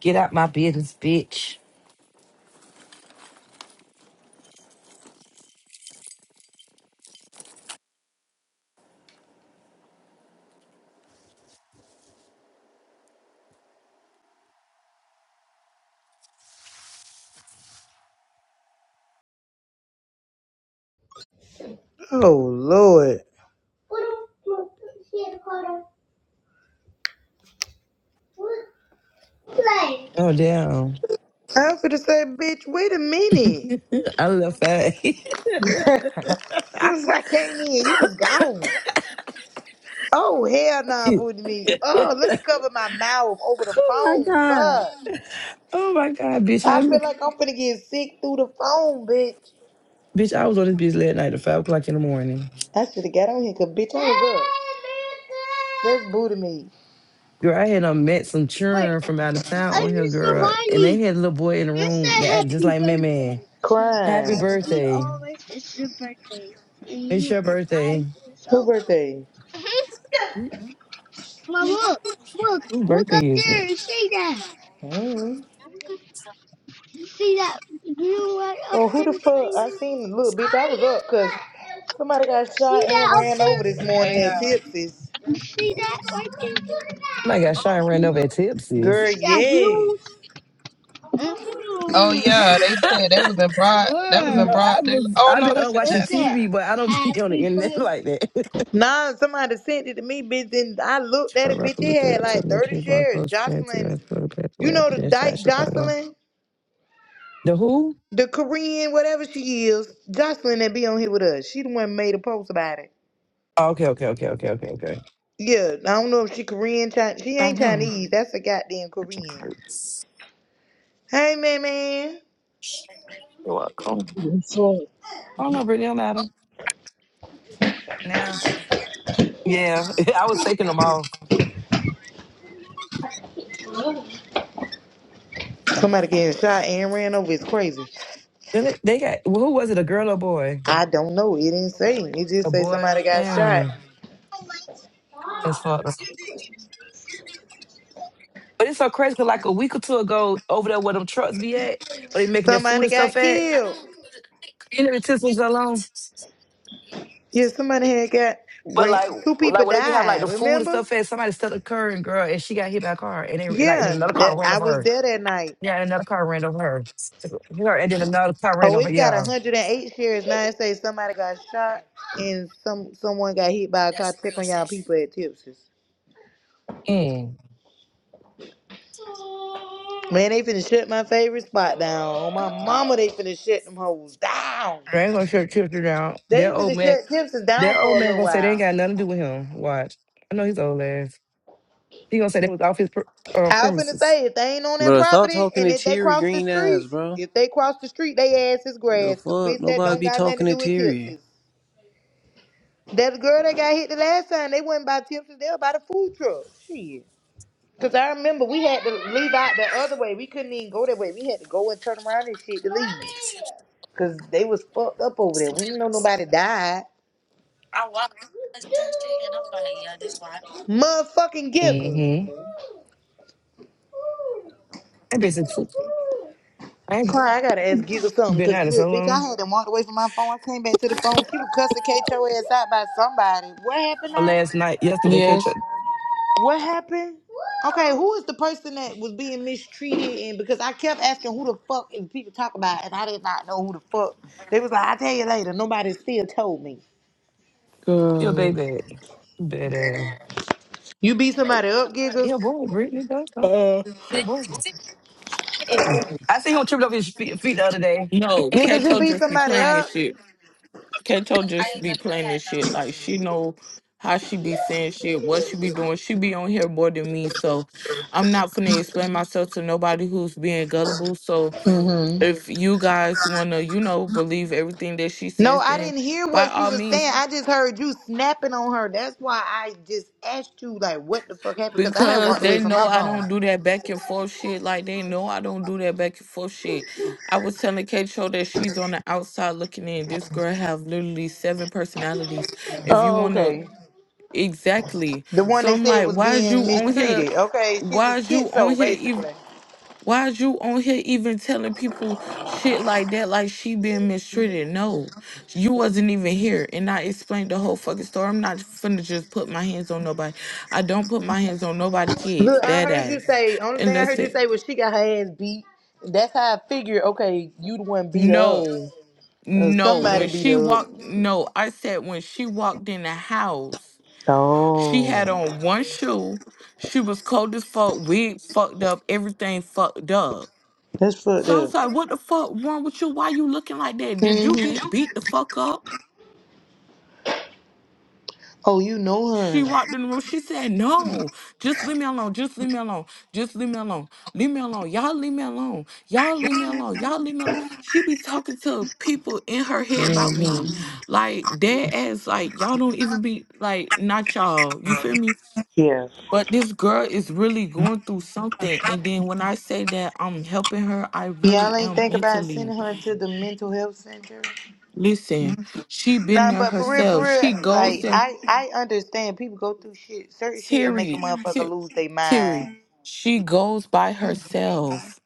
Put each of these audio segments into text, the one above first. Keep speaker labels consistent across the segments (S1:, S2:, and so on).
S1: Get out my business, bitch.
S2: Oh Lord.
S1: Oh damn.
S2: I was gonna say, bitch, wait a minute.
S1: I left that.
S2: Since I came in, you was gone. Oh hell nah, booty me. Oh, let me cover my mouth over the
S1: oh my
S2: phone.
S1: god.
S2: Fuck.
S1: Oh my god, bitch.
S2: I
S1: I
S2: feel
S1: look
S2: like I'm finna get sick through the phone, bitch.
S1: bitch, I was on this bitch late night at five o'clock in the morning.
S2: I should have got on here, cause bitch, I was up. That's booty me.
S1: Girl, I had um, met some
S3: Wait,
S1: churn from out of town on
S3: I
S1: here,
S3: just
S1: girl. And they
S3: somebody.
S1: had a little boy in the
S3: It's
S1: room
S3: a
S1: that acted just
S3: happy
S1: like me, man.
S3: birthday.
S2: Crying.
S1: Happy
S3: You
S1: birthday.
S3: always it's your birthday, and you
S1: It's
S3: look
S1: your
S3: five
S1: birthday.
S3: years
S2: Who
S3: old.
S2: birthday?
S3: Mhm. Now look, look,
S1: Whose
S3: look up
S1: birthday is it?
S3: there and
S1: Oh
S3: see that.
S2: Mm.
S3: You see that blue right up
S2: Well, who
S3: there
S2: the fuck?
S3: saying
S2: I
S3: that?
S2: seen the little bitch. I was up because somebody got shot
S3: See
S2: and
S3: that up
S2: ran over
S3: there?
S2: this morning
S3: Hey
S2: at
S3: y'all.
S2: Tipsy's.
S3: You see that right there?
S1: my god, Sean ran over
S3: You
S1: at Tipsy's.
S2: Girl,
S3: see that
S2: yes.
S3: blue? Oh yeah, they said that was in broad. That was in Girl,
S1: No, I
S3: broad. Day.
S1: was
S3: Oh
S1: I've
S3: no,
S1: been uh,
S3: that's in it
S1: watching
S3: Jackson.
S1: TV, but I don't be on the
S3: happy
S1: internet
S3: birthday.
S1: like that.
S2: Nah, somebody sent it to me, bitch, and I looked at it, bitch.
S1: Corrupt
S2: It
S1: material
S2: had
S1: to
S2: like 30
S1: American Law
S2: shares.
S1: Coach Fancy
S2: Jocelyn,
S1: Rascal
S2: you
S1: Pathway at
S2: know
S1: the
S2: the
S1: Best Try
S2: di-
S1: Chicago.
S2: Jocelyn,
S1: The who?
S2: the Korean, whatever she is, Jocelyn that be on here with us. She the one made a post about it.
S1: Oh, okay, okay, okay, okay, okay, okay.
S2: Yeah, I don't know if she Korean, Chinese. She ain't
S1: Uh-huh.
S2: Chinese. That's a goddamn
S1: Richard
S2: Korean.
S1: Kurtz.
S2: Hey, man, man.
S1: You're welcome.
S4: Yes, Lord.
S1: I don't know, Brittany, don't matter. Yeah. Yeah. I was taking them off.
S2: Somebody getting shot and ran over is crazy.
S1: Then They, they got, who was it, a girl or a boy?
S2: I don't know. It didn't
S1: A
S2: say.
S1: boy.
S2: It just
S1: A
S2: say
S1: boy.
S2: somebody got shot.
S1: Damn. That's fucked up. But it's so crazy 'cause like a week or two ago, over there where them trucks be at, where they making their food
S2: Somebody
S1: and
S2: got
S1: stuff at. I
S2: killed.
S1: don't. You never took me so long.
S2: Yeah, somebody had got
S1: But
S2: ran,
S1: like,
S2: two people
S1: like when they be having like
S2: died.
S1: the food and
S2: Remember?
S1: stuff, and somebody stuck a car and girl, and she got hit by a car, and they, like then
S2: Yeah,
S1: another car
S2: that,
S1: ran
S2: I
S1: over
S2: was
S1: her.
S2: there that night.
S1: Yeah, and another car ran over her. Her and then another car ran
S2: Oh,
S1: over.
S2: it's got
S1: Yeah.
S2: 108 shares now. It says somebody got shot and some someone got hit by a car. Check on y'all people at Tips's.
S1: Mm.
S2: Man, they finna shut my favorite spot down. On my mama, they finna shut them hoes down.
S1: They ain't gonna shut children down.
S2: They
S1: That old
S2: finna
S1: man,
S2: shut Timpson
S1: that
S2: down for
S1: old
S2: a
S1: man
S2: little
S1: gonna say they ain't
S2: while.
S1: got nothing to do with him. Watch, I know he's old ass. He gonna say they was off his per, uh,
S2: I was finna
S1: premises.
S2: say if they ain't on that
S5: Bro, stop
S2: property
S5: talking
S2: and
S5: to
S2: if they
S5: Terry
S2: cross the
S5: green eyes,
S2: street,
S5: bro.
S2: if they cross the street, they ass is
S5: The
S2: grass. Cause
S5: fuck?
S2: bitch, that
S5: Nobody
S2: don't
S5: be
S2: got nothing to
S5: talking to
S2: do with
S5: Terry.
S2: Timpson's. That girl that got hit the last time, they wasn't by Timpson's, they were by the food truck. Shit. Cause I remember we had to leave out the other way. We couldn't even go that way. We had to go and turn around and shit to leave.
S1: Because he
S2: Cause they was fucked up over there. We
S1: standing
S2: didn't know
S1: outside.
S2: nobody died. Motherfucking giggles.
S1: Mm-hmm. That bitch is. I ain't-
S2: Cry, I
S1: I
S2: gotta ask
S1: ain't
S2: Giga something,
S1: been
S2: cause
S1: out it
S2: look,
S1: so
S2: bitch,
S1: long.
S2: I had him walked away from my phone. I came back to the phone. She was cussing Kate your ass out by somebody. What happened now?
S1: Last night, yesterday, K.
S6: Yes,
S2: What happened? Okay, who is the person that was being mistreated? And because I kept asking who the fuck and people talk about, and I did not know who the fuck. They was like, I will tell you later. Nobody still told me.
S1: Yo,
S6: girl.
S1: baby. Baby.
S2: You beat somebody up, Gigas.
S1: Yo, boy, Brittany does though.
S6: Uh,
S1: Boy. I seen him tripping over his feet, feet the other day.
S6: no,
S2: Gigas, you
S6: Keto
S2: beat
S6: just be
S2: somebody
S6: playing
S2: up.
S6: this shit. Keto just be playing this shit. Like she know how she be saying shit, what she be doing. She be on here more than me, so I'm not finna explain myself to nobody who's being gullible. So
S2: Mm-hmm.
S6: if you guys wanna, you know, believe everything that she
S2: No,
S6: says,
S2: I
S6: then.
S2: didn't hear
S6: By
S2: what she
S6: all
S2: was
S6: means,
S2: saying. I just heard you snapping on her. That's why I just asked you, like, what the fuck happened? Because I had
S6: Because
S2: walked away
S6: they
S2: from my
S6: know I
S2: phone.
S6: don't do that back and forth shit. Like they know I don't do that back and forth shit. I was telling Kato that she's on the outside looking in. This girl have literally seven personalities. If you
S2: Oh,
S6: wanna
S2: okay.
S6: exactly.
S2: The one
S6: So
S2: they
S6: I'm
S2: said
S6: like,
S2: was
S6: why is
S2: being
S6: you on here?
S2: mistreated. Okay, she's a
S6: Why is you on
S2: schizo,
S6: here
S2: basically.
S6: why is you on here even telling people shit like that, like she being mistreated? No, you wasn't even here. And I explained the whole fucking story. I'm not finna just put my hands on nobody. I don't put my hands on nobody kids,
S2: Look, I
S6: that
S2: heard you
S6: ass.
S2: say, only
S6: And
S2: thing I heard you
S6: listen,
S2: say was she got her ass beat. That's how I figured, okay, you the one beat her up.
S6: no,
S2: Or
S6: no.
S2: somebody
S6: When
S2: beat
S6: she
S2: her up.
S6: walked, no, I said when she walked in the house, she
S2: Oh,
S6: had on one shoe. She was cold as fuck, wig fucked up, everything fucked up.
S2: that's fucked
S6: So I was
S2: up.
S6: like, what the fuck wrong with you? Why you looking like that? Did you
S2: hmm
S6: get beat the fuck up?
S2: Oh, you know
S6: She
S2: her.
S6: walked in the room. She said, No, just leave me alone. Just leave me alone. Just leave me alone. Leave me alone. Y'all leave me alone. Y'all leave me alone. Y'all leave me alone. She be talking to people in her head about
S2: hmm
S6: me. Like, dead ass, like, y'all don't even be, like, not y'all. You feel me?
S2: Yeah.
S6: But this girl is really going through something. And then when I say that I'm helping her, I
S2: Y'all
S6: really
S2: ain't
S6: am
S2: think about
S6: mentally.
S2: sending her to the mental health center.
S6: Listen, she been
S2: Nah,
S6: there
S2: but for real, for
S6: herself. She
S2: real,
S6: goes
S2: like
S6: there,
S2: I, I understand people go through shit, certain shit, and make a
S6: Terry,
S2: motherfucker
S6: Ter-
S2: lose their
S6: Terry.
S2: mind.
S6: She goes by herself.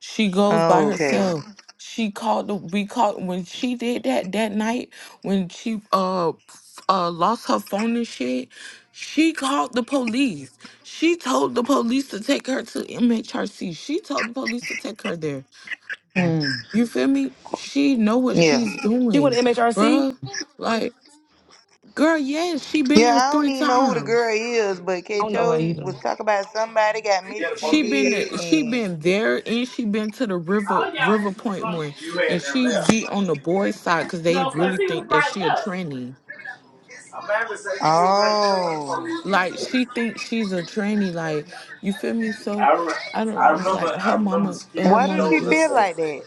S6: She goes by
S2: Oh, okay.
S6: herself. She called. the- We called when she did that that night when she uh f- uh lost her phone and shit. She called the police. She told the police to take her to MHRC. She told the police to take her there.
S2: Hmm.
S6: You feel me? She know what
S2: Yeah.
S6: she's
S1: She went
S6: doing,
S1: to MHRC.
S6: bruh. Like Girl, yes, she been
S2: Yeah,
S6: there
S2: I don't
S6: three
S2: even know who the girl
S6: times.
S2: is, but
S1: I
S2: K.
S1: don't know her
S2: Cho
S1: either.
S2: was talking about somebody got
S6: She been
S2: mistreated
S6: there- she
S2: and
S6: been there and she been to the river River Point one, and she be on the boys' side because they
S5: No, because
S6: really
S5: he was
S6: think that
S5: right
S6: she a
S5: there.
S6: tranny.
S2: oh,
S6: Like she thinks she's a tranny. Like you feel me? So I don't know. Like her mama, her
S2: why does
S6: mama
S2: she
S6: just
S2: feel like that?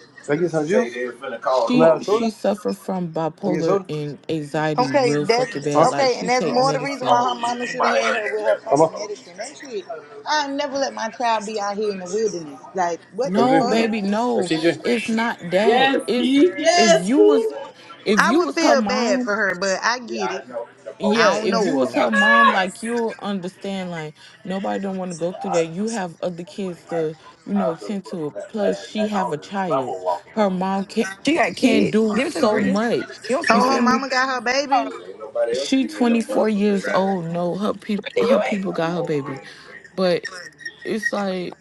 S6: she she suffer from bipolar
S5: Who?
S6: and anxiety
S2: Okay,
S6: real
S2: that
S6: fucking bad.
S5: Huh?
S6: Like
S2: okay,
S6: she
S2: and that's
S6: take
S2: more the reason why
S6: medicine.
S2: her mama should have had her with her fucking medicine. That shit. I ain't never let my child be out here in the wilderness. Like, what the
S6: No, baby,
S2: fuck?
S6: no.
S5: TJ?
S6: It's not that.
S5: Yes,
S6: It's
S5: Keith.
S6: if
S5: Yes,
S6: you was
S5: Keith.
S6: if
S2: I
S6: you
S2: would
S6: was her
S2: feel bad
S6: mom,
S2: for her, but I get it.
S6: yeah,
S2: I don't
S6: if
S2: know
S6: you was
S2: her.
S6: her mom, like you'll understand, like nobody don't want to go through that. You have other kids to, you know, tend to. Plus, she have a child. Her mom can't
S1: She got
S6: can't
S1: kids.
S6: do
S1: Give it to me,
S6: so
S1: Brittany.
S6: much.
S1: You don't
S6: You
S2: Oh, her
S1: smoke.
S6: feel me?
S2: mama got her
S1: Oh,
S2: baby.
S6: She twenty four years old. No, her
S1: Brittany,
S6: people her
S1: you ain't.
S6: people got her baby, but it's like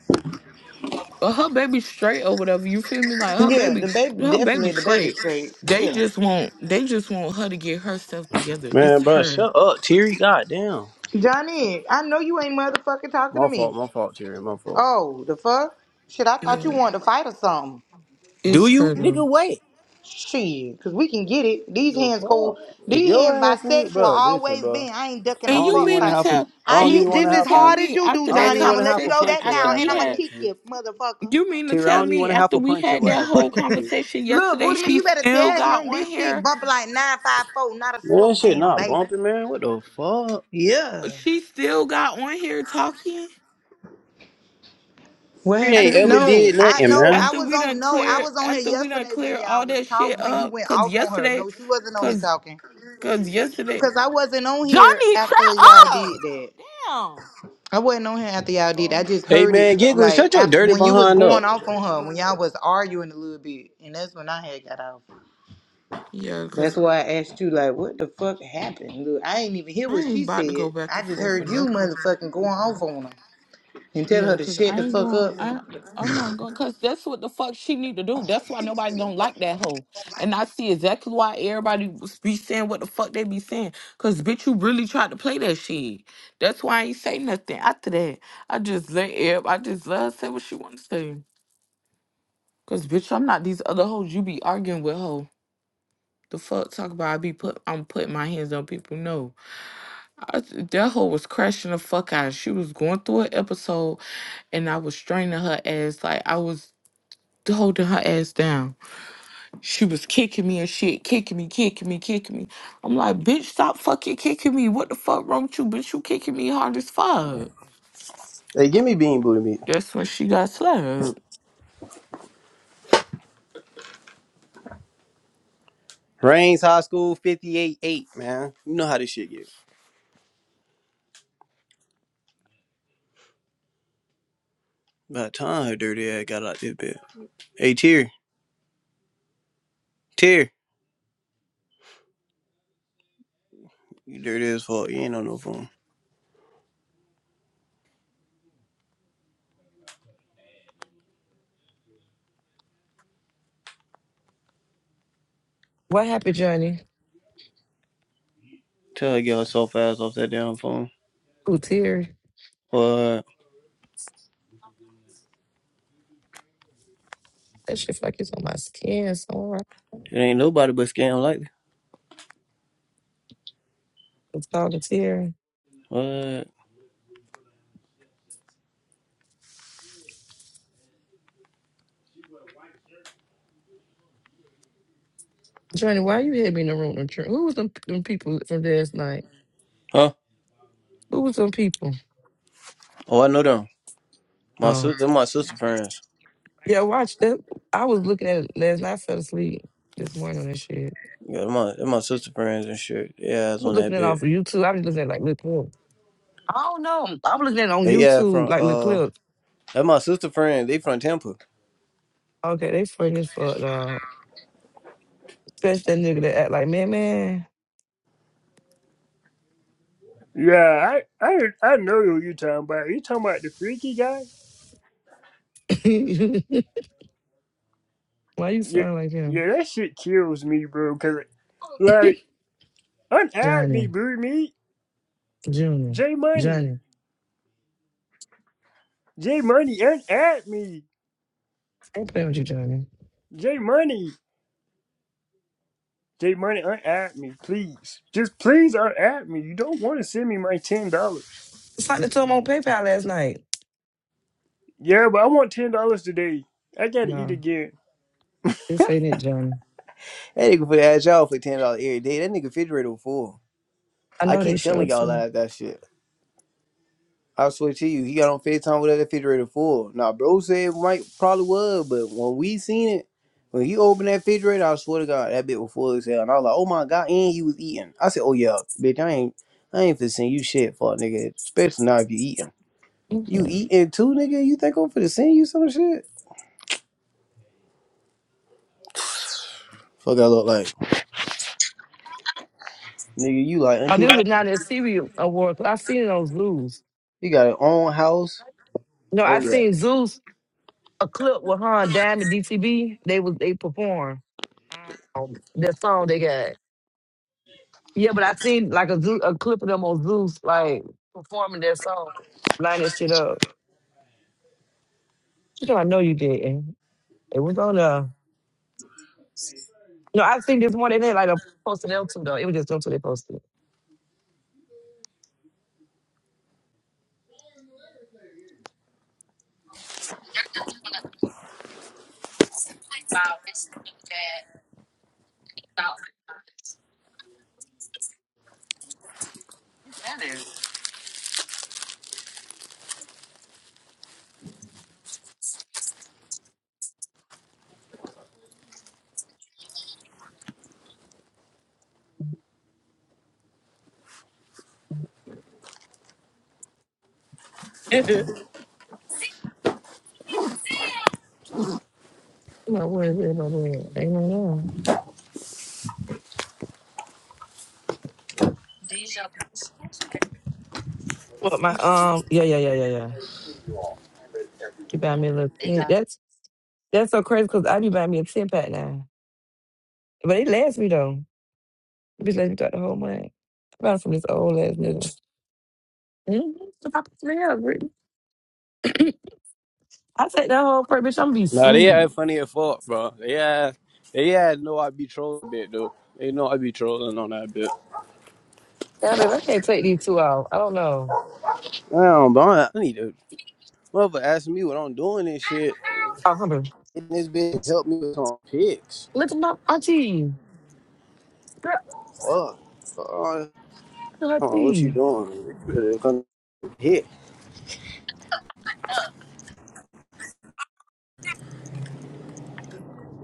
S6: uh, her baby straight or whatever. You feel me? Like her
S2: Yeah,
S6: baby,
S2: the baby
S6: her baby
S2: definitely the baby
S6: straight.
S2: straight.
S6: They
S2: Yeah,
S6: just want they just want her to get herself together. It's
S5: Man, bro,
S6: her.
S5: shut up, Terry. Goddamn.
S2: Johnny, I know you ain't motherfucking talking to
S5: My fault,
S2: me.
S5: my fault, Terry. My fault.
S2: Oh, the fuck? Shit, I thought
S6: Yeah.
S2: you wanted to fight or something.
S5: Do
S6: It's
S5: you?
S6: hurdle.
S5: Nigga, wait.
S2: Shit, cause we can get it. These
S5: The
S2: hands go.
S5: fuck? If
S2: These hands
S5: your ass ain't,
S2: bisexual
S5: bro, listen,
S2: always
S5: bro.
S2: been. I ain't ducking
S5: I
S6: And
S2: a
S5: don't
S6: you
S2: fuck
S5: even want
S6: mean
S5: to
S6: to
S5: have
S2: thing.
S5: to.
S6: tell
S5: I
S2: I
S6: and
S5: don't even
S2: hit
S6: you
S5: want
S6: mean
S5: to
S2: just
S6: to
S2: as
S5: have
S6: tell
S5: to.
S2: hard as
S6: me
S2: you do,
S6: after
S5: I
S6: that
S5: don't
S2: Johnny.
S5: even want
S2: I'ma
S5: to
S2: let
S5: have
S2: you
S5: to
S2: know
S6: conversation
S5: punch
S2: that
S5: your
S6: after
S2: now,
S5: ass
S2: and
S6: we
S5: like
S2: I'ma
S6: had
S5: that,
S2: kick
S5: Terry.
S2: you, motherfucker.
S6: you mean to
S5: Terry, I
S6: tell
S5: don't even
S6: me
S5: want to have
S6: after
S5: to
S6: we
S5: punch
S6: had
S5: your
S6: that
S5: ass
S6: whole
S5: like that, Terry.
S6: conversation
S2: Look,
S6: yesterday
S2: Booty man,
S6: she
S2: you better
S6: still
S2: tell
S6: got
S2: him
S6: on
S2: this shit
S6: here
S2: bump like nine five four, not a
S5: Man,
S2: slow
S5: that shit
S2: jam,
S5: not
S2: baby.
S5: bumping, man. What the fuck?
S2: Yeah.
S6: she still got on here talking
S2: What
S5: You ain't
S6: after
S2: happened?
S6: we
S5: ever
S6: done
S2: No,
S5: did
S2: I
S5: nothing,
S2: no, I
S5: man.
S6: after
S2: was
S6: we
S2: on
S6: done
S2: no, I
S6: clear
S2: was on here
S6: after we done
S2: yesterday when
S6: clear
S2: y'all
S6: all
S2: was
S6: that shit
S2: talk when you
S6: up
S2: went
S6: cause
S2: off on her.
S6: yesterday
S2: No, she wasn't on here
S6: cause
S2: talking,
S6: cause yesterday
S2: cause I wasn't on here
S6: Johnny
S2: after
S6: shut
S2: y'all did
S6: up
S2: that.
S6: Damn.
S2: I wasn't on here after y'all did. I just
S5: Hey,
S2: heard it
S5: man, Giggle,
S2: like
S5: shut your
S2: after,
S5: dirty
S2: when you was
S5: behind
S2: going
S5: up.
S2: off on her, when y'all was arguing a little bit, and that's when I had got off.
S6: yeah cause
S2: That's why I asked you like, what the fuck happened? Look, I ain't even hear
S6: I
S2: what
S6: ain't
S2: she
S6: about to go
S2: said.
S6: back
S2: I
S6: and
S2: just
S6: forth for
S2: heard
S6: no
S2: you motherfucking going off on her and tell her
S6: Yeah,
S2: to
S6: cause
S2: shut
S6: I
S2: the
S6: ain't
S2: fuck
S6: going.
S2: up.
S6: I I'm not going. Cause that's what the fuck she need to do. That's why nobody don't like that hoe. And I see exactly why everybody was- be saying what the fuck they be saying. Cause bitch, you really tried to play that shit. That's why I ain't say nothing after that. I just let every, I just let her say what she want to say. Cause bitch, I'm not these other hoes you be arguing with hoe. The fuck talk about I be put I'm putting my hands on people. No, I, that hoe was crashing the fuck out. She was going through an episode and I was straining her ass. Like I was holding her ass down. She was kicking me and shit, kicking me, kicking me, kicking me. I'm like, bitch, stop fucking kicking me. What the fuck wrong with you, bitch? You kicking me hard as fuck.
S5: Hey, give me bean booty meat.
S6: That's when she got slapped.
S5: Reigns High School 58-8, man. You know how this shit get. By the time her dirty ass got out this bed. Hey, Terry, Terry, you dirty as fuck. You ain't on no phone.
S1: What happened, Johnny?
S5: Tell her to get herself ass off that damn phone.
S1: Ooh, Terry.
S5: What?
S1: That shit feel like it's on my skin So
S5: It ain't nobody but scam like
S1: I'm talking to Terry.
S5: What?
S1: Johnny, why you had me in the room? with you? Who was them, them people from last night?
S5: Huh?
S1: Who was them people?
S5: Oh, I know them. My
S1: Oh.
S5: sister, my sister friends.
S1: Yeah, watch that. I was looking at it last night. I fell asleep this morning on that shit.
S5: Yeah, my that my sister friends and shit. Yeah,
S1: I
S5: it's
S1: was
S5: on
S1: looking
S5: that
S1: at it off
S5: bit.
S1: of YouTube. I was looking at like little clips. I don't know. I was looking at it on
S5: They yeah
S1: YouTube,
S5: from
S1: like little
S5: uh
S1: clips.
S5: that my sister friend. They from Tampa.
S1: Okay, they funny as fuck, dog. Especially that nigga that act like, man, man.
S5: Yeah, I I I know who you talking about. You talking about the freaky guy?
S1: why you
S5: Yeah,
S1: sound like him?
S5: yeah, that shit kills me, bro. Cause like unadd me,
S1: Johnny,
S5: boo me,
S1: Junior,
S5: J Money,
S1: Johnny.
S5: J Money, unadd me,
S1: I ain't playing with you, Johnny.
S5: J Money, J Money, unadd me, please. Just please unadd me. You don't want to send me my ten dollars.
S1: It's like they told him on PayPal last night.
S5: Yeah, but I want ten dollars today. I gotta eat
S1: No,
S5: again.
S1: this ain't it, Johnny.
S5: That nigga for ask y'all for ten dollars every day. That nigga refrigerator full.
S1: I
S5: I
S1: know they
S5: keep telling
S1: showed
S5: y'all
S1: some.
S5: that that shit. I swear to you, he got on FaceTime with that refrigerator full. Now, bro said it might probably was, but when we seen it, when he opened that refrigerator, I swear to God, that bit was full as hell. And I was like, oh my God, and he was eating. I said, oh yeah, bitch, I ain't, I ain't finna send you shit for a nigga, especially not if you eating. You
S1: Mhm.
S5: eating too, nigga? You think I'm finna send you some shit? Fuck, I look like, nigga, you like
S1: Oh,
S5: auntie.
S1: there was
S5: Dot?
S1: another Siri award. I seen those Zeus.
S5: You got your own house.
S1: No,
S5: Oh
S1: I
S5: yeah.
S1: seen Zeus a clip with Han Dam and DTB. They was they perform um, that song they got. Yeah, but I seen like a Zeus, a clip of them on Zeus like performing their song, lining shit up. You know, I know you didn't. It was on the. No, I seen this one. They did like a posted them two though. It was just them two they posted. no, where, where, no, where? Ain't no where. Well, my um, yeah, yeah, yeah, yeah, yeah. You buy me a little. Yeah, That's so crazy because I be buying me a 10 pack now. But it lasts me though. It bitch lasts me throughout the whole month. I bought it from this old ass nigga. Mm-hmm. The pop three hell, Brittany. I take that whole part, bitch. I'm gonna be
S5: Nah, they
S1: sleep.
S5: had funny as fuck, bro. They had, they had know I be trolling a bit though. They know I be trolling on that bit.
S1: God, babe, I can't take these two out. I don't know.
S5: I don't, bro. I need to. Mother asking me what I'm doing and shit.
S1: Oh, hold on.
S5: And this bitch helped me with some pics.
S1: Look at my auntie. Girl,
S5: Fuck. Uh, Hold
S1: look at her
S5: on, what you
S1: teeth.
S5: doing? You better come hit.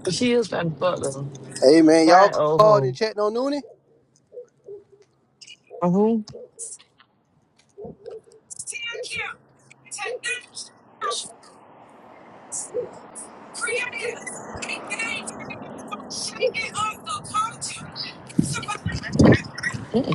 S1: She is trying to fuck though.
S5: Hey man, y'all
S1: Fine old
S5: called and
S1: hoe.
S5: checked on Noonie?
S1: Oh, who?